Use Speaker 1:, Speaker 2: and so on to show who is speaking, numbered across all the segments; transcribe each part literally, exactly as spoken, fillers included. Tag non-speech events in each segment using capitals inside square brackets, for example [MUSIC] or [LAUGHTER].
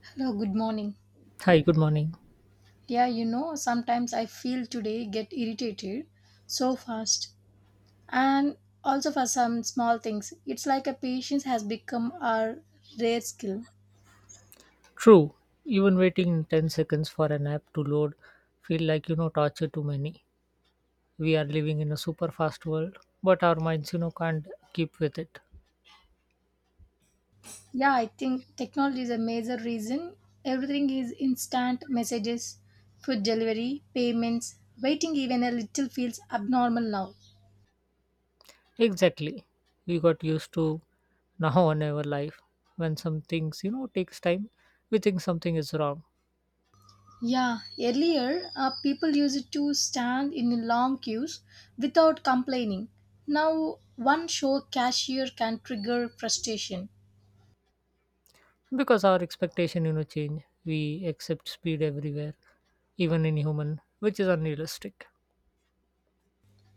Speaker 1: Hello, good morning.
Speaker 2: Hi, good morning.
Speaker 1: Yeah, you know, sometimes I feel today get irritated so fast and also for some small things. It's like a patience has become our rare skill.
Speaker 2: True, even waiting ten seconds for an app to load feel like, you know, torture to many. We are living in a super fast world, but our minds, you know, can't keep with it.
Speaker 1: Yeah, I think technology is a major reason. Everything is instant messages, food delivery, payments, waiting even a little feels abnormal now.
Speaker 2: Exactly. We got used to now in our life. When some things, you know, takes time, we think something is wrong.
Speaker 1: Yeah, earlier uh, people used to stand in long queues without complaining. Now, one show cashier can trigger frustration.
Speaker 2: Because our expectation, you know, change. We accept speed everywhere, even in human, which is unrealistic.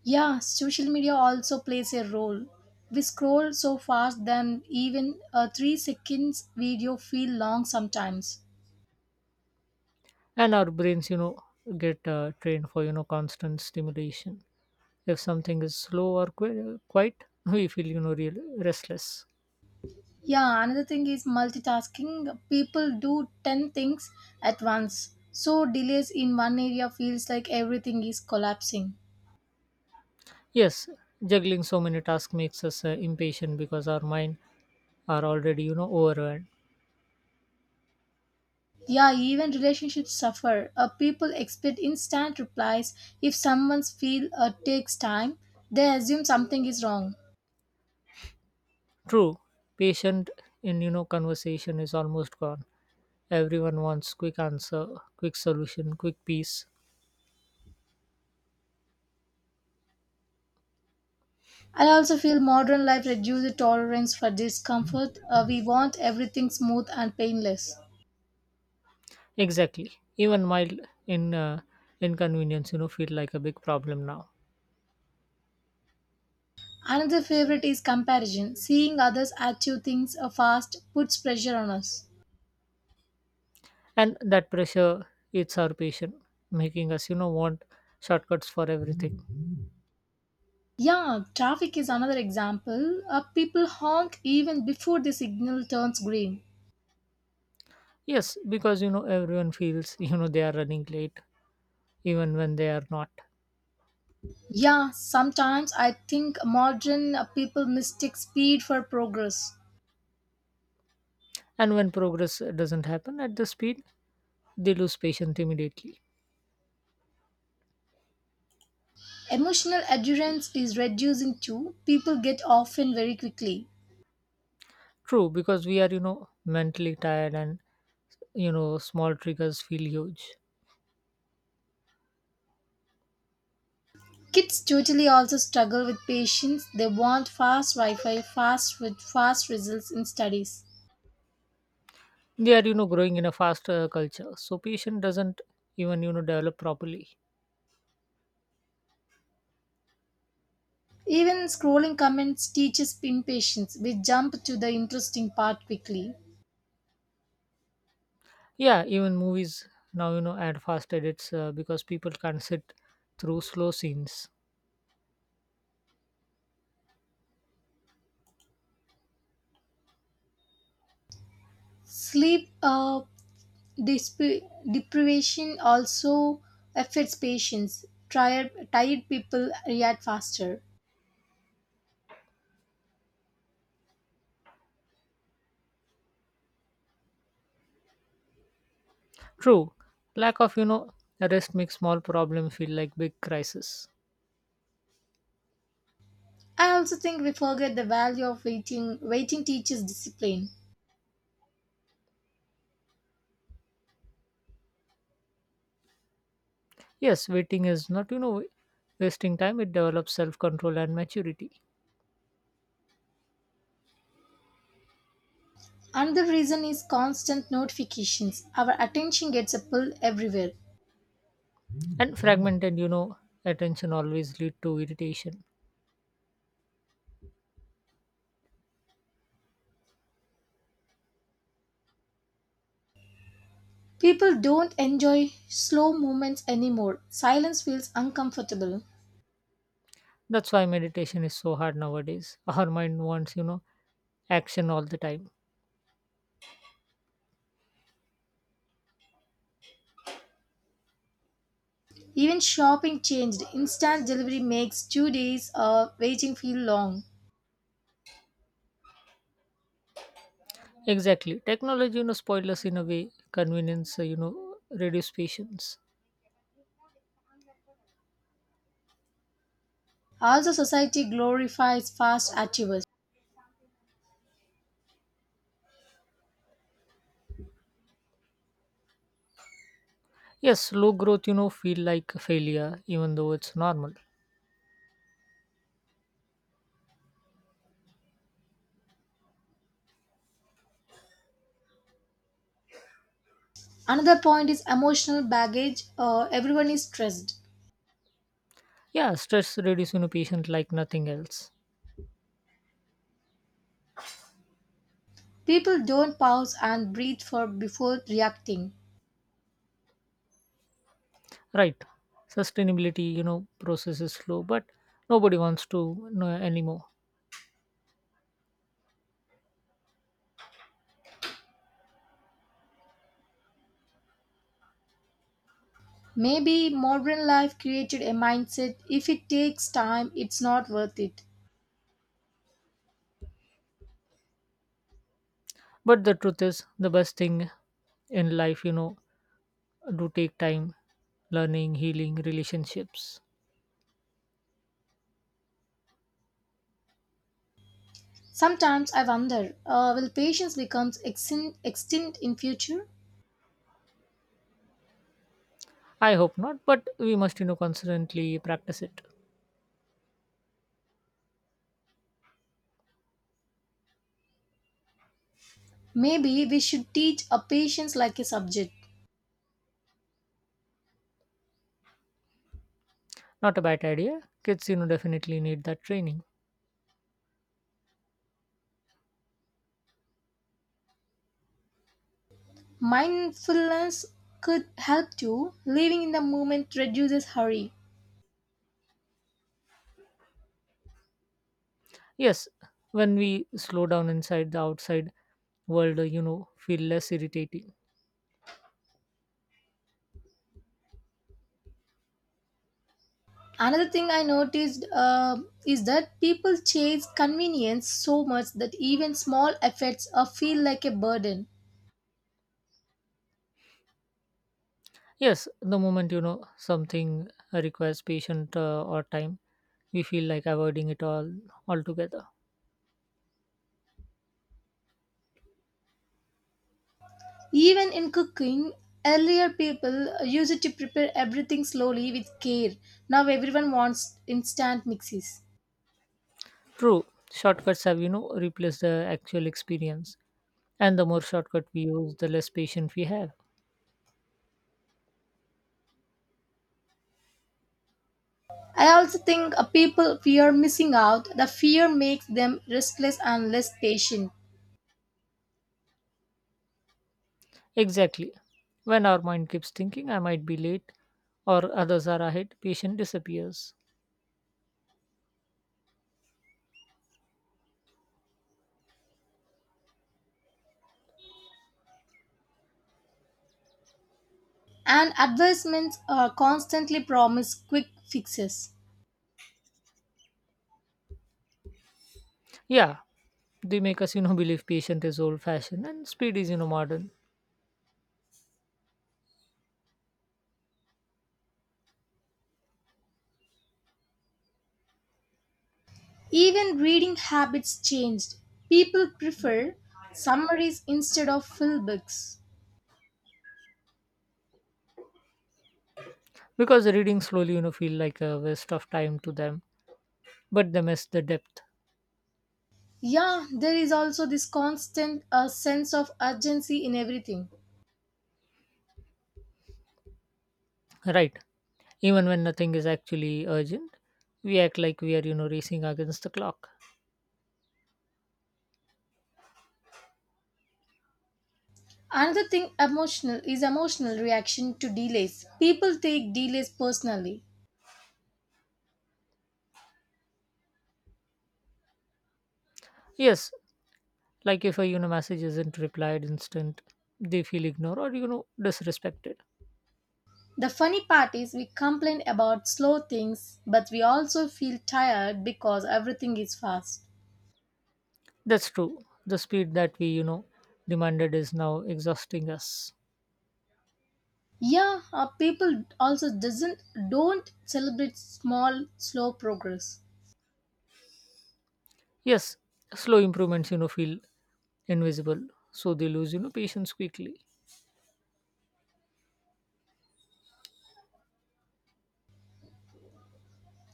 Speaker 1: Yeah, social media also plays a role. We scroll so fast that even a three seconds video feel long sometimes.
Speaker 2: And our brains, you know, get uh, trained for, you know, constant stimulation. If something is slow or qui- quiet, [LAUGHS] we feel you know real restless.
Speaker 1: Yeah, another thing is multitasking. People do ten things at once. So delays in one area feels like everything is collapsing.
Speaker 2: Yes, juggling so many tasks makes us uh, impatient because our mind are already you know overwhelmed.
Speaker 1: Yeah, even relationships suffer. Uh, people expect instant replies. If someone's feel uh, takes time, they assume something is wrong.
Speaker 2: True, patient in you know conversation is almost gone. Everyone wants quick answer, quick solution, quick peace.
Speaker 1: I also feel modern life reduces tolerance for discomfort. Uh, we want everything smooth and painless.
Speaker 2: Exactly. Even mild in uh, inconvenience, you know, feel like a big problem now.
Speaker 1: Another favorite is comparison. Seeing others achieve things uh, fast puts pressure on us.
Speaker 2: And that pressure eats our patience, making us, you know, want shortcuts for everything.
Speaker 1: Yeah, traffic is another example. Uh, people honk even before the signal turns green.
Speaker 2: Yes, because you know everyone feels you know they are running late even when they are not.
Speaker 1: Yeah, sometimes I think modern uh, people mistake speed for progress.
Speaker 2: And when progress doesn't happen at the speed, they lose patience immediately.
Speaker 1: Emotional endurance is reducing too. People get often very quickly.
Speaker 2: True, because we are you know mentally tired and you know small triggers feel huge.
Speaker 1: Kids totally also struggle with patience. They want fast Wi-Fi, fast with fast results in studies.
Speaker 2: They are you know growing in a faster culture, so patience doesn't even you know develop properly.
Speaker 1: Even scrolling comments teaches impatience. We jump to the interesting part quickly.
Speaker 2: Yeah, even movies now you know add fast edits uh, because people can't sit through slow scenes.
Speaker 1: Sleep uh, Desp- deprivation also affects patients. Tired, tired people react faster.
Speaker 2: True, lack of you know rest makes small problem feel like big crisis.
Speaker 1: I also think we forget the value of waiting. Waiting teaches discipline.
Speaker 2: Yes, waiting is not you know wasting time. It develops self control and maturity.
Speaker 1: Another reason is constant notifications. Our attention gets pulled everywhere.
Speaker 2: And fragmented you know attention always lead to irritation.
Speaker 1: People don't enjoy slow movements anymore. Silence feels uncomfortable.
Speaker 2: That's why meditation is so hard nowadays. Our mind wants you know action all the time.
Speaker 1: Even shopping changed. Instant delivery makes two days of waiting feel long.
Speaker 2: Exactly, technology you know spoil us in a way. Convenience uh, you know reduce patience.
Speaker 1: Also, society glorifies fast activity.
Speaker 2: Yes, slow growth you know feel like a failure even though it's normal.
Speaker 1: Another point is emotional baggage. Uh, everyone is stressed.
Speaker 2: Yeah, stress reduce you know patient like nothing else.
Speaker 1: People don't pause and breathe for before reacting.
Speaker 2: Right. Sustainability, you know, process is slow, but nobody wants to know anymore.
Speaker 1: Maybe modern life created a mindset if it takes time, it's not worth it.
Speaker 2: But the truth is the best thing in life, you know, do take time, learning, healing, relationships.
Speaker 1: Sometimes I wonder, uh, will patience become extin- extinct in future?
Speaker 2: I hope not, but we must, you know, constantly practice it.
Speaker 1: Maybe we should teach a patience like a subject.
Speaker 2: Not a bad idea. Kids, you know, definitely need that training.
Speaker 1: Mindfulness could help too. Living in the moment reduces hurry.
Speaker 2: Yes, when we slow down inside the outside world, uh, you know, feel less irritated.
Speaker 1: Another thing I noticed uh, is that people chase convenience so much that even small efforts are feel like a burden.
Speaker 2: Yes, the moment you know something requires patient uh, or time, we feel like avoiding it all altogether.
Speaker 1: Even in cooking, earlier people used it to prepare everything slowly with care. Now everyone wants instant mixes.
Speaker 2: True, shortcuts have you know replaced the actual experience, and the more shortcut we use, the less patient we have.
Speaker 1: I also think uh, people fear missing out. The fear makes them restless and less patient.
Speaker 2: Exactly. When our mind keeps thinking, I might be late, or others are ahead, patient disappears.
Speaker 1: And advertisements uh, constantly promise quick fixes.
Speaker 2: Yeah, they make us you know believe patient is old-fashioned and speed is you know modern.
Speaker 1: Even reading habits changed. People prefer summaries instead of full books.
Speaker 2: Because reading slowly you know feel like a waste of time to them, but they miss the depth.
Speaker 1: Yeah, there is also this constant uh, sense of urgency in everything.
Speaker 2: Right. Even when nothing is actually urgent, we act like we are, you know, racing against the clock.
Speaker 1: Another thing emotional is emotional reaction to delays. People take delays personally.
Speaker 2: Yes, like if a, you know, message isn't replied instant, they feel ignored or, you know, disrespected.
Speaker 1: The funny part is we complain about slow things, but we also feel tired because everything is fast.
Speaker 2: That's true. The speed that we, you know, demanded is now exhausting us.
Speaker 1: Yeah, uh, people also doesn't don't celebrate small slow progress.
Speaker 2: Yes, slow improvements, you know, feel invisible. So they lose, you know, patience quickly.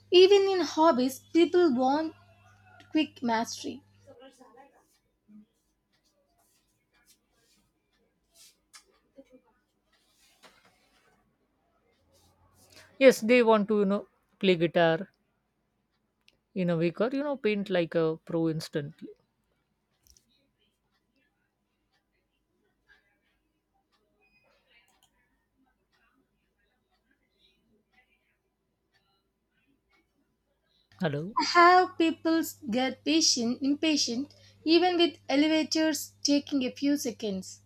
Speaker 1: Even in hobbies, people want quick mastery.
Speaker 2: Yes, they want to, you know, play guitar in a week or, you know, paint like a pro instantly. Hello?
Speaker 1: I have people get patient, impatient, even with elevators taking a few seconds.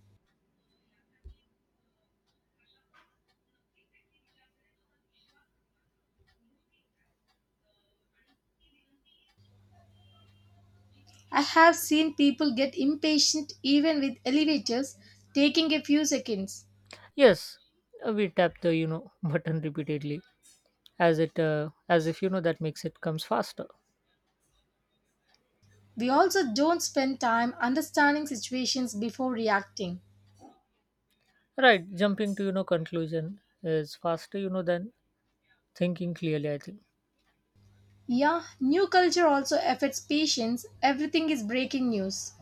Speaker 1: I have seen people get impatient even with elevators taking a few seconds.
Speaker 2: Yes, uh, we tap the you know [LAUGHS] button repeatedly, as it uh, as if you know that makes it comes faster.
Speaker 1: We also don't spend time understanding situations before reacting.
Speaker 2: Right, jumping to you know conclusion is faster you know than thinking clearly. I think,
Speaker 1: Yeah, new culture also affects patience. Everything is breaking news.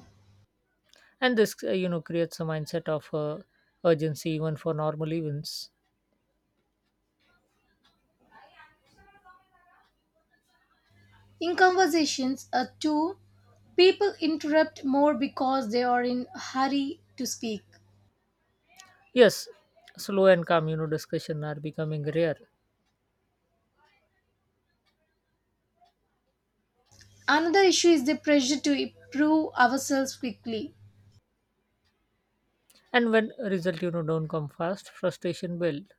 Speaker 2: and this uh, you know creates a mindset of uh, urgency even for normal events.
Speaker 1: In conversations, A too, people interrupt more because they are in a hurry to speak.
Speaker 2: Yes, slow and calm you know discussion are becoming rare,
Speaker 1: Another issue is the pressure to improve ourselves quickly.
Speaker 2: and when result you know don't come fast, frustration build,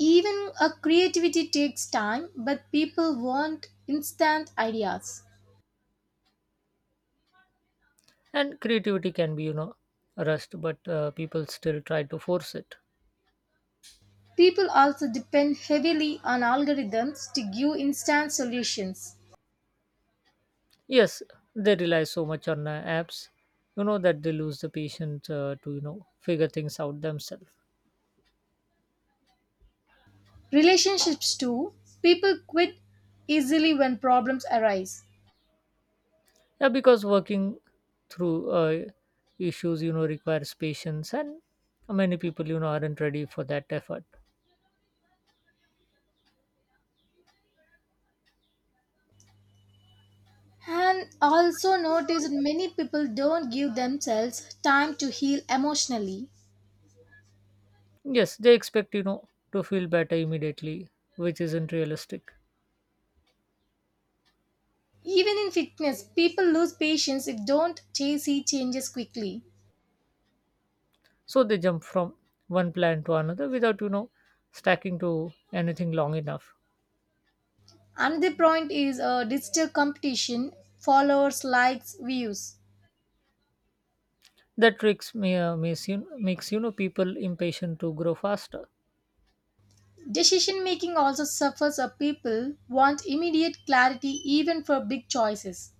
Speaker 1: Even a creativity takes time, but people want instant ideas.
Speaker 2: and creativity can be you know rushed, but uh, people still try to force it.
Speaker 1: People also depend heavily on algorithms to give instant solutions.
Speaker 2: Yes, they rely so much on uh, apps, you know, that they lose the patient uh, to, you know, figure things out themselves.
Speaker 1: Relationships too, people quit easily when problems arise.
Speaker 2: Yeah, because working through uh, issues, you know, requires patience, and many people, you know, aren't ready for that effort.
Speaker 1: And also notice that many people don't give themselves time to heal emotionally.
Speaker 2: Yes, they expect, you know, to feel better immediately, which isn't realistic.
Speaker 1: Even in fitness, people lose patience if don't see changes quickly.
Speaker 2: So they jump from one plan to another without, you know, stacking to anything long enough.
Speaker 1: Another point is uh, digital competition, followers, likes, views.
Speaker 2: That tricks may uh, makes, you, makes, you know, people impatient to grow faster.
Speaker 1: Decision making also suffers a people want immediate clarity even for big choices.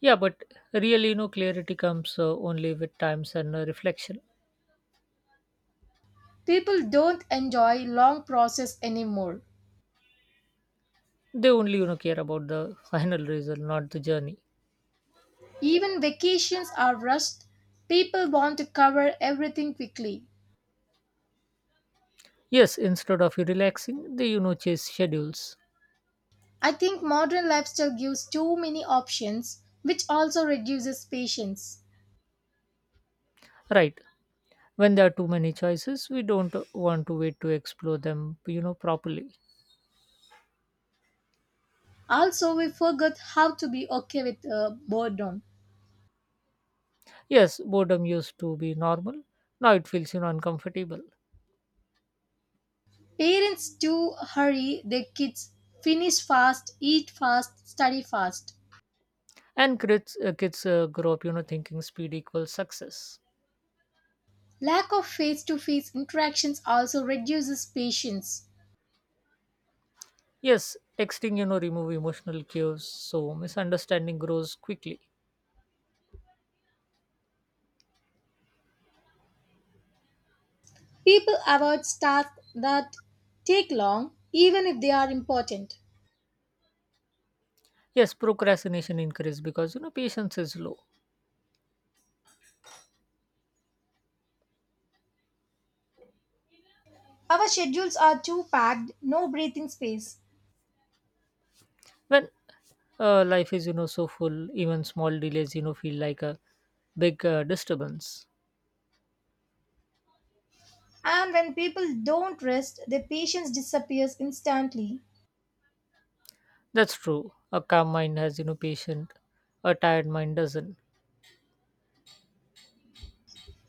Speaker 2: Yeah, but really, you know, clarity comes uh, only with times and uh, reflection.
Speaker 1: People don't enjoy long process anymore.
Speaker 2: They only, you know, care about the [LAUGHS] final result, not the journey.
Speaker 1: Even vacations are rushed. People want to cover everything quickly.
Speaker 2: Yes, instead of you relaxing, they, you know, chase schedules.
Speaker 1: I think modern lifestyle gives too many options which also reduces patience.
Speaker 2: Right. When there are too many choices, we don't uh, want to wait to explore them, you know, properly.
Speaker 1: Also, we forgot how to be okay with uh, boredom.
Speaker 2: Yes, boredom used to be normal. Now it feels, you know, uncomfortable.
Speaker 1: Parents do hurry their kids, finish fast, eat fast, study fast.
Speaker 2: And kids, uh, kids uh, grow up, you know, thinking speed equals success.
Speaker 1: Lack of face to face interactions also reduces patience.
Speaker 2: Yes, texting, you know, remove emotional cues, so misunderstanding grows quickly.
Speaker 1: People avoid tasks that take long, even if they are important.
Speaker 2: Yes, procrastination increase because you know patience is low.
Speaker 1: Our schedules are too packed, no breathing space.
Speaker 2: When uh, life is you know so full, even small delays you know feel like a big uh, disturbance.
Speaker 1: And when people don't rest, their patience disappears instantly.
Speaker 2: That's true. A calm mind has you know patient, a tired mind doesn't.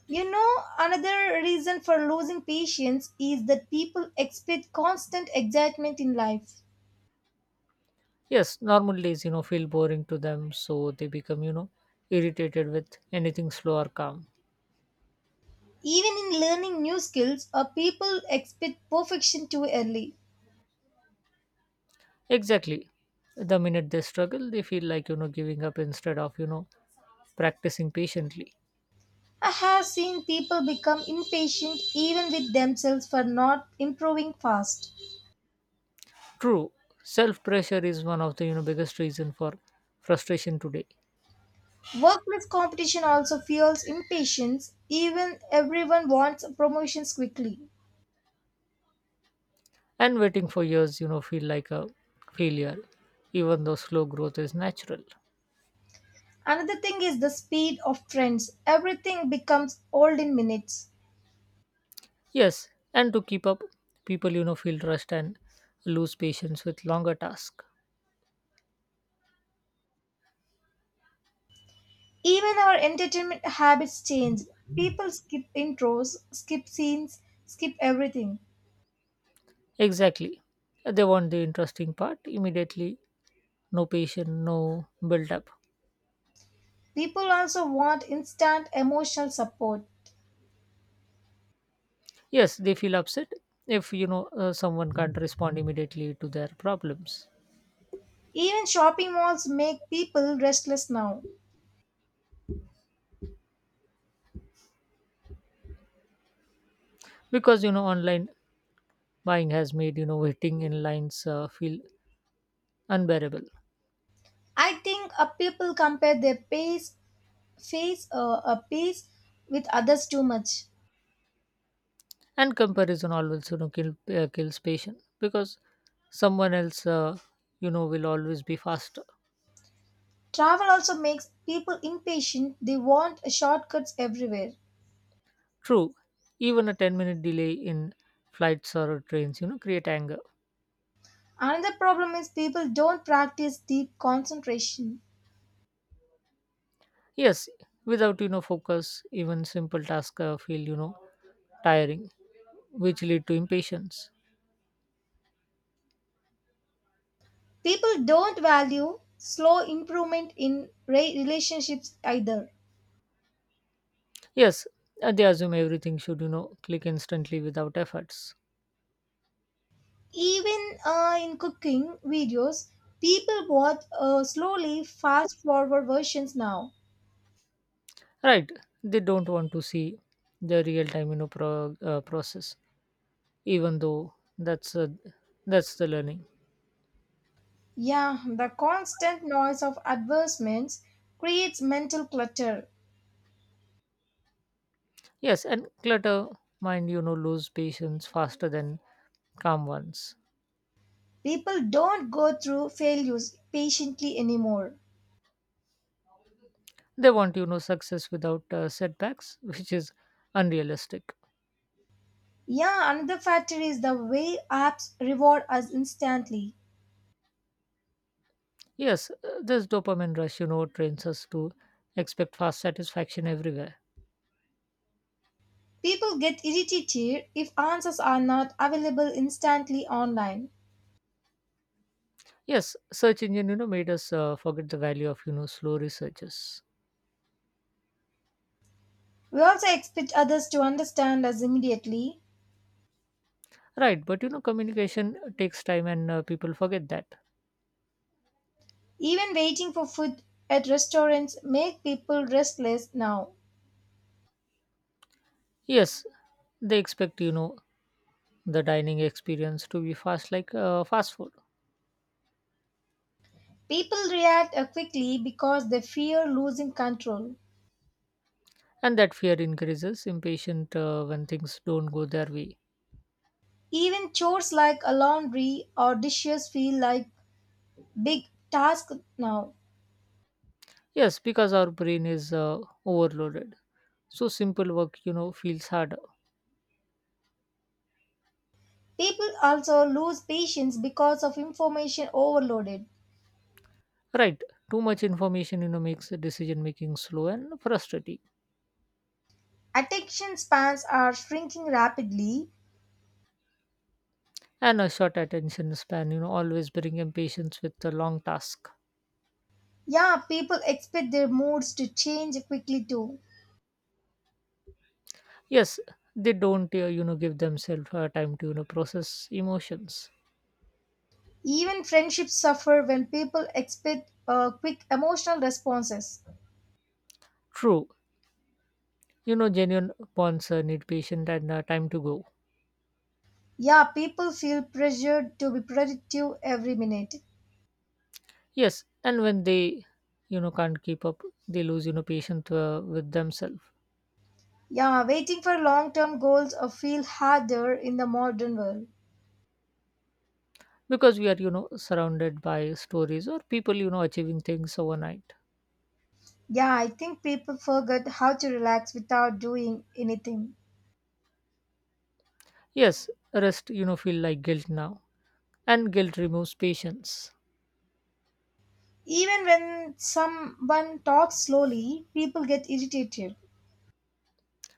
Speaker 1: You know, another reason for losing patience is that people expect constant excitement in life.
Speaker 2: Yes, normal days you know feel boring to them, so they become you know irritated with anything slow or calm.
Speaker 1: Even in learning new skills, or people expect perfection too early.
Speaker 2: Exactly. The minute they struggle, they feel like you know giving up instead of you know practicing patiently.
Speaker 1: I have seen people become impatient even with themselves for not improving fast.
Speaker 2: True, self pressure is one of the you know biggest reason for frustration today.
Speaker 1: Workplace competition also fuels impatience, even everyone wants promotions quickly.
Speaker 2: And waiting for years, you know, feel like a failure, even though slow growth is natural.
Speaker 1: Another thing is the speed of trends. Everything becomes old in minutes.
Speaker 2: Yes, and to keep up, people you know feel rushed and lose patience with longer tasks.
Speaker 1: Even our entertainment habits change. People skip intros, skip scenes, skip everything.
Speaker 2: Exactly, they want the interesting part immediately. No patience, no build up.
Speaker 1: People also want instant emotional support.
Speaker 2: Yes, they feel upset if you know uh, someone can't respond immediately to their problems.
Speaker 1: Even shopping malls make people restless now.
Speaker 2: Because you know online buying has made you know waiting in lines uh, feel unbearable.
Speaker 1: I think uh, people compare their pace, face, uh, a pace with others too much.
Speaker 2: And comparison always you know kill, uh, kills patience because someone else uh, you know will always be faster.
Speaker 1: Travel also makes people impatient. They want shortcuts everywhere.
Speaker 2: True, even a ten minute delay in flights or trains you know create anger.
Speaker 1: Another problem is people don't practice deep concentration.
Speaker 2: Yes, without you know focus even simple tasks uh, feel you know tiring which lead to impatience.
Speaker 1: People don't value slow improvement in re- relationships either.
Speaker 2: Yes, uh, they assume everything should you know click instantly without efforts.
Speaker 1: Even uh, in cooking videos, people watch uh, slowly fast forward versions now.
Speaker 2: Right, they don't want to see the real time you know pro- uh, process even though that's uh, that's the learning.
Speaker 1: Yeah, the constant noise of advertisements creates mental clutter.
Speaker 2: Yes, and clutter mind you know lose patience faster than calm ones.
Speaker 1: People don't go through failures patiently anymore.
Speaker 2: They want you know success without uh, setbacks which is unrealistic.
Speaker 1: Yeah, another factor is the way apps reward us instantly.
Speaker 2: Yes, uh, this dopamine rush you know trains us to expect fast satisfaction everywhere.
Speaker 1: People get irritated if answers are not available instantly online.
Speaker 2: Yes, search engine you know made us uh, forget the value of you know slow researches.
Speaker 1: We also expect others to understand us immediately.
Speaker 2: Right, but you know, communication takes time and uh, people forget that.
Speaker 1: Even waiting for food at restaurants make people restless now.
Speaker 2: Yes, they expect, you know, the dining experience to be fast like uh, fast food.
Speaker 1: People react uh, quickly because they fear losing control.
Speaker 2: And that fear increases impatient uh, when things don't go their way.
Speaker 1: Even chores like a laundry or dishes feel like big tasks now.
Speaker 2: Yes, because our brain is uh, overloaded. So simple work, you know, feels harder.
Speaker 1: People also lose patience because of information overloaded.
Speaker 2: Right, too much information, you know, makes decision making slow and frustrating.
Speaker 1: Attention spans are shrinking rapidly.
Speaker 2: And a short attention span, you know, always bring impatience with the long task.
Speaker 1: Yeah, people expect their moods to change quickly too.
Speaker 2: Yes, they don't uh, you know give themselves uh, time to you know process emotions.
Speaker 1: Even friendships suffer when people expect uh, quick emotional responses.
Speaker 2: True, you know genuine bonds uh, need patience and uh, time to grow.
Speaker 1: Yeah, people feel pressured to be productive every minute.
Speaker 2: Yes, and when they you know can't keep up they lose you know patience uh, with themselves.
Speaker 1: Yeah, waiting for long term goals or feel harder in the modern world.
Speaker 2: Because we are you know surrounded by stories or people you know achieving things overnight.
Speaker 1: Yeah, I think people forget how to relax without doing anything.
Speaker 2: Yes, rest you know feel like guilt now and guilt removes patience.
Speaker 1: Even when someone talks slowly, people get irritated.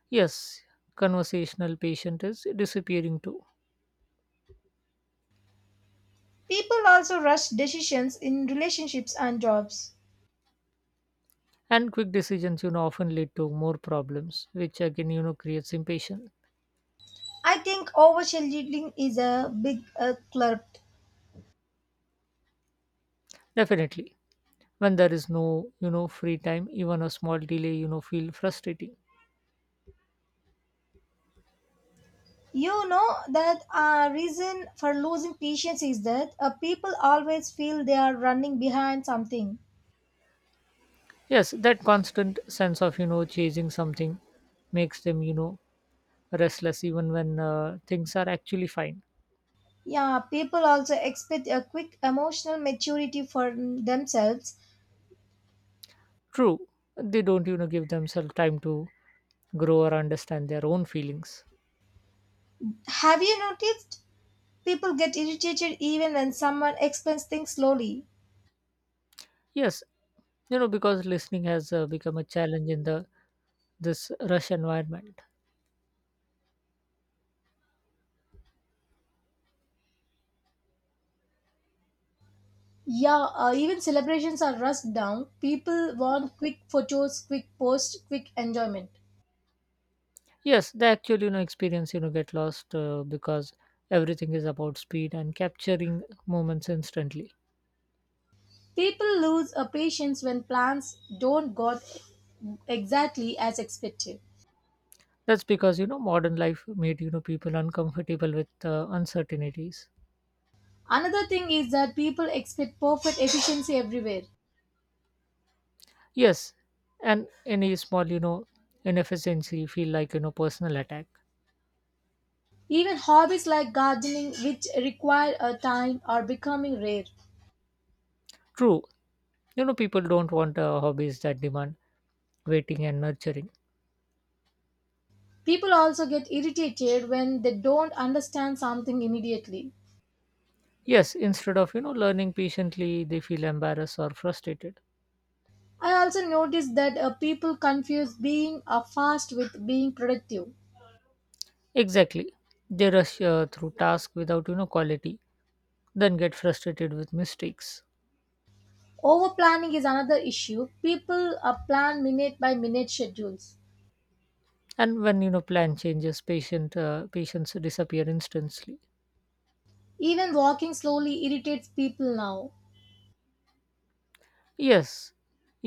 Speaker 2: Yes, conversational patient is disappearing too.
Speaker 1: People also rush decisions in relationships and jobs.
Speaker 2: And quick decisions you know often lead to more problems which again you know creates impatience.
Speaker 1: I think overscheduling is a big uh, club.
Speaker 2: Definitely, when there is no you know free time even a small delay you know feel frustrating.
Speaker 1: You know that a reason for losing patience is that uh, people always feel they are running behind something.
Speaker 2: Yes, that constant sense of you know chasing something makes them you know restless even when uh, things are actually fine.
Speaker 1: Yeah, people also expect a quick emotional maturity for themselves.
Speaker 2: True, they don't you know give themselves time to grow or understand their own feelings.
Speaker 1: Have you noticed people get irritated even when someone explains things slowly?
Speaker 2: Yes, you know because listening has uh, become a challenge in the this rush environment.
Speaker 1: Yeah, uh, even celebrations are rushed down. People want quick photos, quick posts, quick enjoyment.
Speaker 2: Yes, they actually, you know experience you know get lost uh, because everything is about speed and capturing moments instantly.
Speaker 1: People lose a patience when plans don't go exactly as expected.
Speaker 2: That's because you know modern life made you know people uncomfortable with uh, uncertainties.
Speaker 1: Another thing is that people expect perfect efficiency everywhere.
Speaker 2: Yes, and any small you know inefficiency feel like you know personal attack.
Speaker 1: Even hobbies like gardening, which require a time, are becoming rare.
Speaker 2: True, you know people don't want uh, hobbies that demand waiting and nurturing.
Speaker 1: People also get irritated when they don't understand something immediately.
Speaker 2: Yes, instead of you know learning patiently, they feel embarrassed or frustrated.
Speaker 1: I also noticed that uh, people confuse being uh, fast with being productive.
Speaker 2: Exactly, they rush uh, through tasks without you know quality then get frustrated with mistakes.
Speaker 1: Over planning is another issue. People uh, plan minute by minute schedules.
Speaker 2: And when you know plan changes patient uh, patients disappear instantly.
Speaker 1: Even walking slowly irritates people now.
Speaker 2: Yes,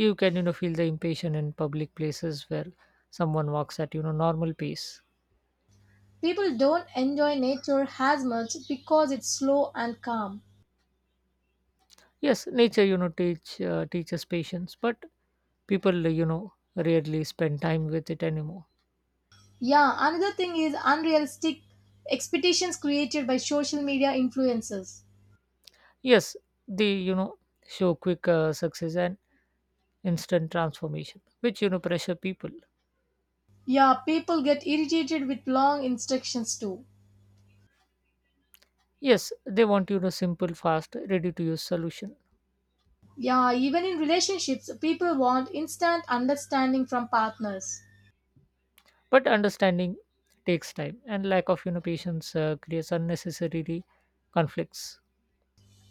Speaker 2: you can you know feel the impatient in public places where someone walks at you know normal pace.
Speaker 1: People don't enjoy nature as much because it's slow and calm.
Speaker 2: Yes, nature you know teach uh, teaches patience but people you know rarely spend time with it anymore.
Speaker 1: Yeah, another thing is unrealistic expectations created by social media influencers.
Speaker 2: Yes, they you know show quick uh, success and instant transformation which you know pressure people.
Speaker 1: Yeah, people get irritated with long instructions too.
Speaker 2: Yes, they want you know simple fast ready to use solution.
Speaker 1: Yeah, even in relationships, people want instant understanding from partners.
Speaker 2: But understanding takes time and lack of you know patience uh, creates unnecessary conflicts.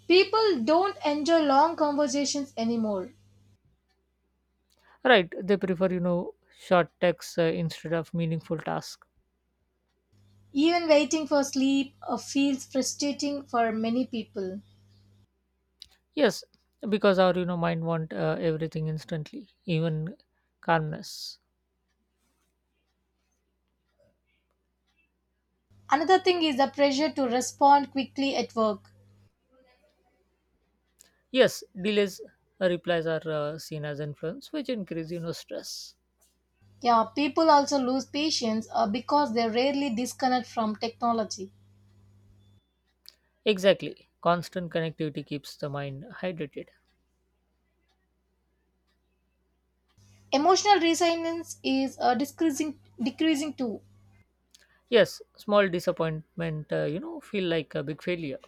Speaker 1: People don't enjoy long conversations anymore.
Speaker 2: Right, they prefer you know short texts uh, instead of meaningful task.
Speaker 1: Even waiting for sleep uh, feels frustrating for many people.
Speaker 2: Yes, because our you know mind want uh, everything instantly even calmness.
Speaker 1: Another thing is the pressure to respond quickly at work.
Speaker 2: Yes, delays uh, replies are uh, seen as influence which increase you know stress.
Speaker 1: Yeah, people also lose patience uh, because they rarely disconnect from technology.
Speaker 2: Exactly, constant connectivity keeps the mind hydrated.
Speaker 1: Emotional resilience is uh, decreasing, decreasing too.
Speaker 2: Yes, small disappointment uh, you know feel like a big failure.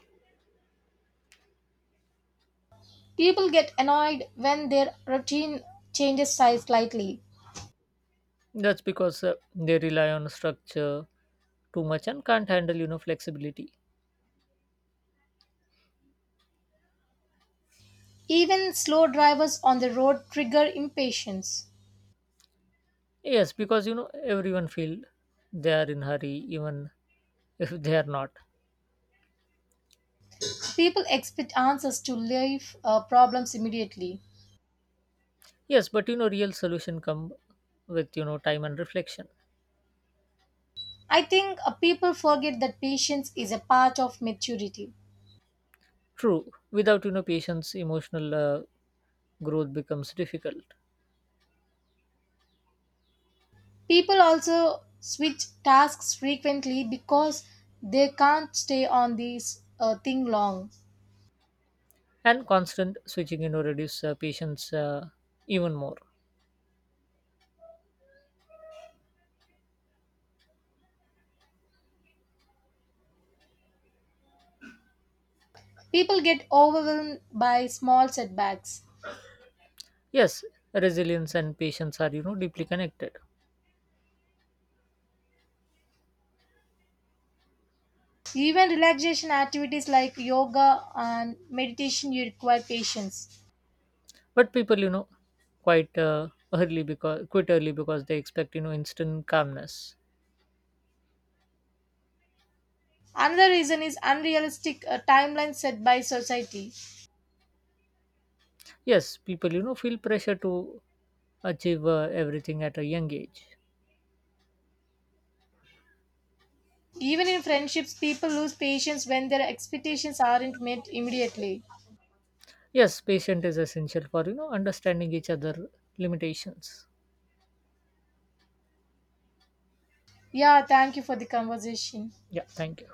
Speaker 1: People get annoyed when their routine changes size slightly.
Speaker 2: That's because uh, they rely on structure too much and can't handle, you know, flexibility.
Speaker 1: Even slow drivers on the road trigger impatience.
Speaker 2: Yes, because you know everyone feel they are in hurry even [LAUGHS] if they are not.
Speaker 1: People expect answers to life uh, problems immediately.
Speaker 2: Yes, but you know real solution come with you know time and reflection.
Speaker 1: I think uh, people forget that patience is a part of maturity.
Speaker 2: True, without you know patience, emotional uh, growth becomes difficult,
Speaker 1: People also switch tasks frequently because they can't stay on this uh, thing long.
Speaker 2: and constant switching you know reduce uh, patience uh, even more.
Speaker 1: People get overwhelmed by small setbacks.
Speaker 2: Yes, resilience and patience are you know deeply connected.
Speaker 1: Even relaxation activities like yoga and meditation you require patience.
Speaker 2: But people, you know, quite uh, early because quit early because they expect, you know, instant calmness.
Speaker 1: Another reason is unrealistic uh, timelines set by society.
Speaker 2: Yes, people, you know, feel pressure to achieve uh, everything at a young age.
Speaker 1: Even in friendships, people lose patience when their expectations aren't met immediately.
Speaker 2: Yes, patience is essential for, you know, understanding each other limitations.
Speaker 1: Yeah, thank you for the conversation.
Speaker 2: Yeah, thank you.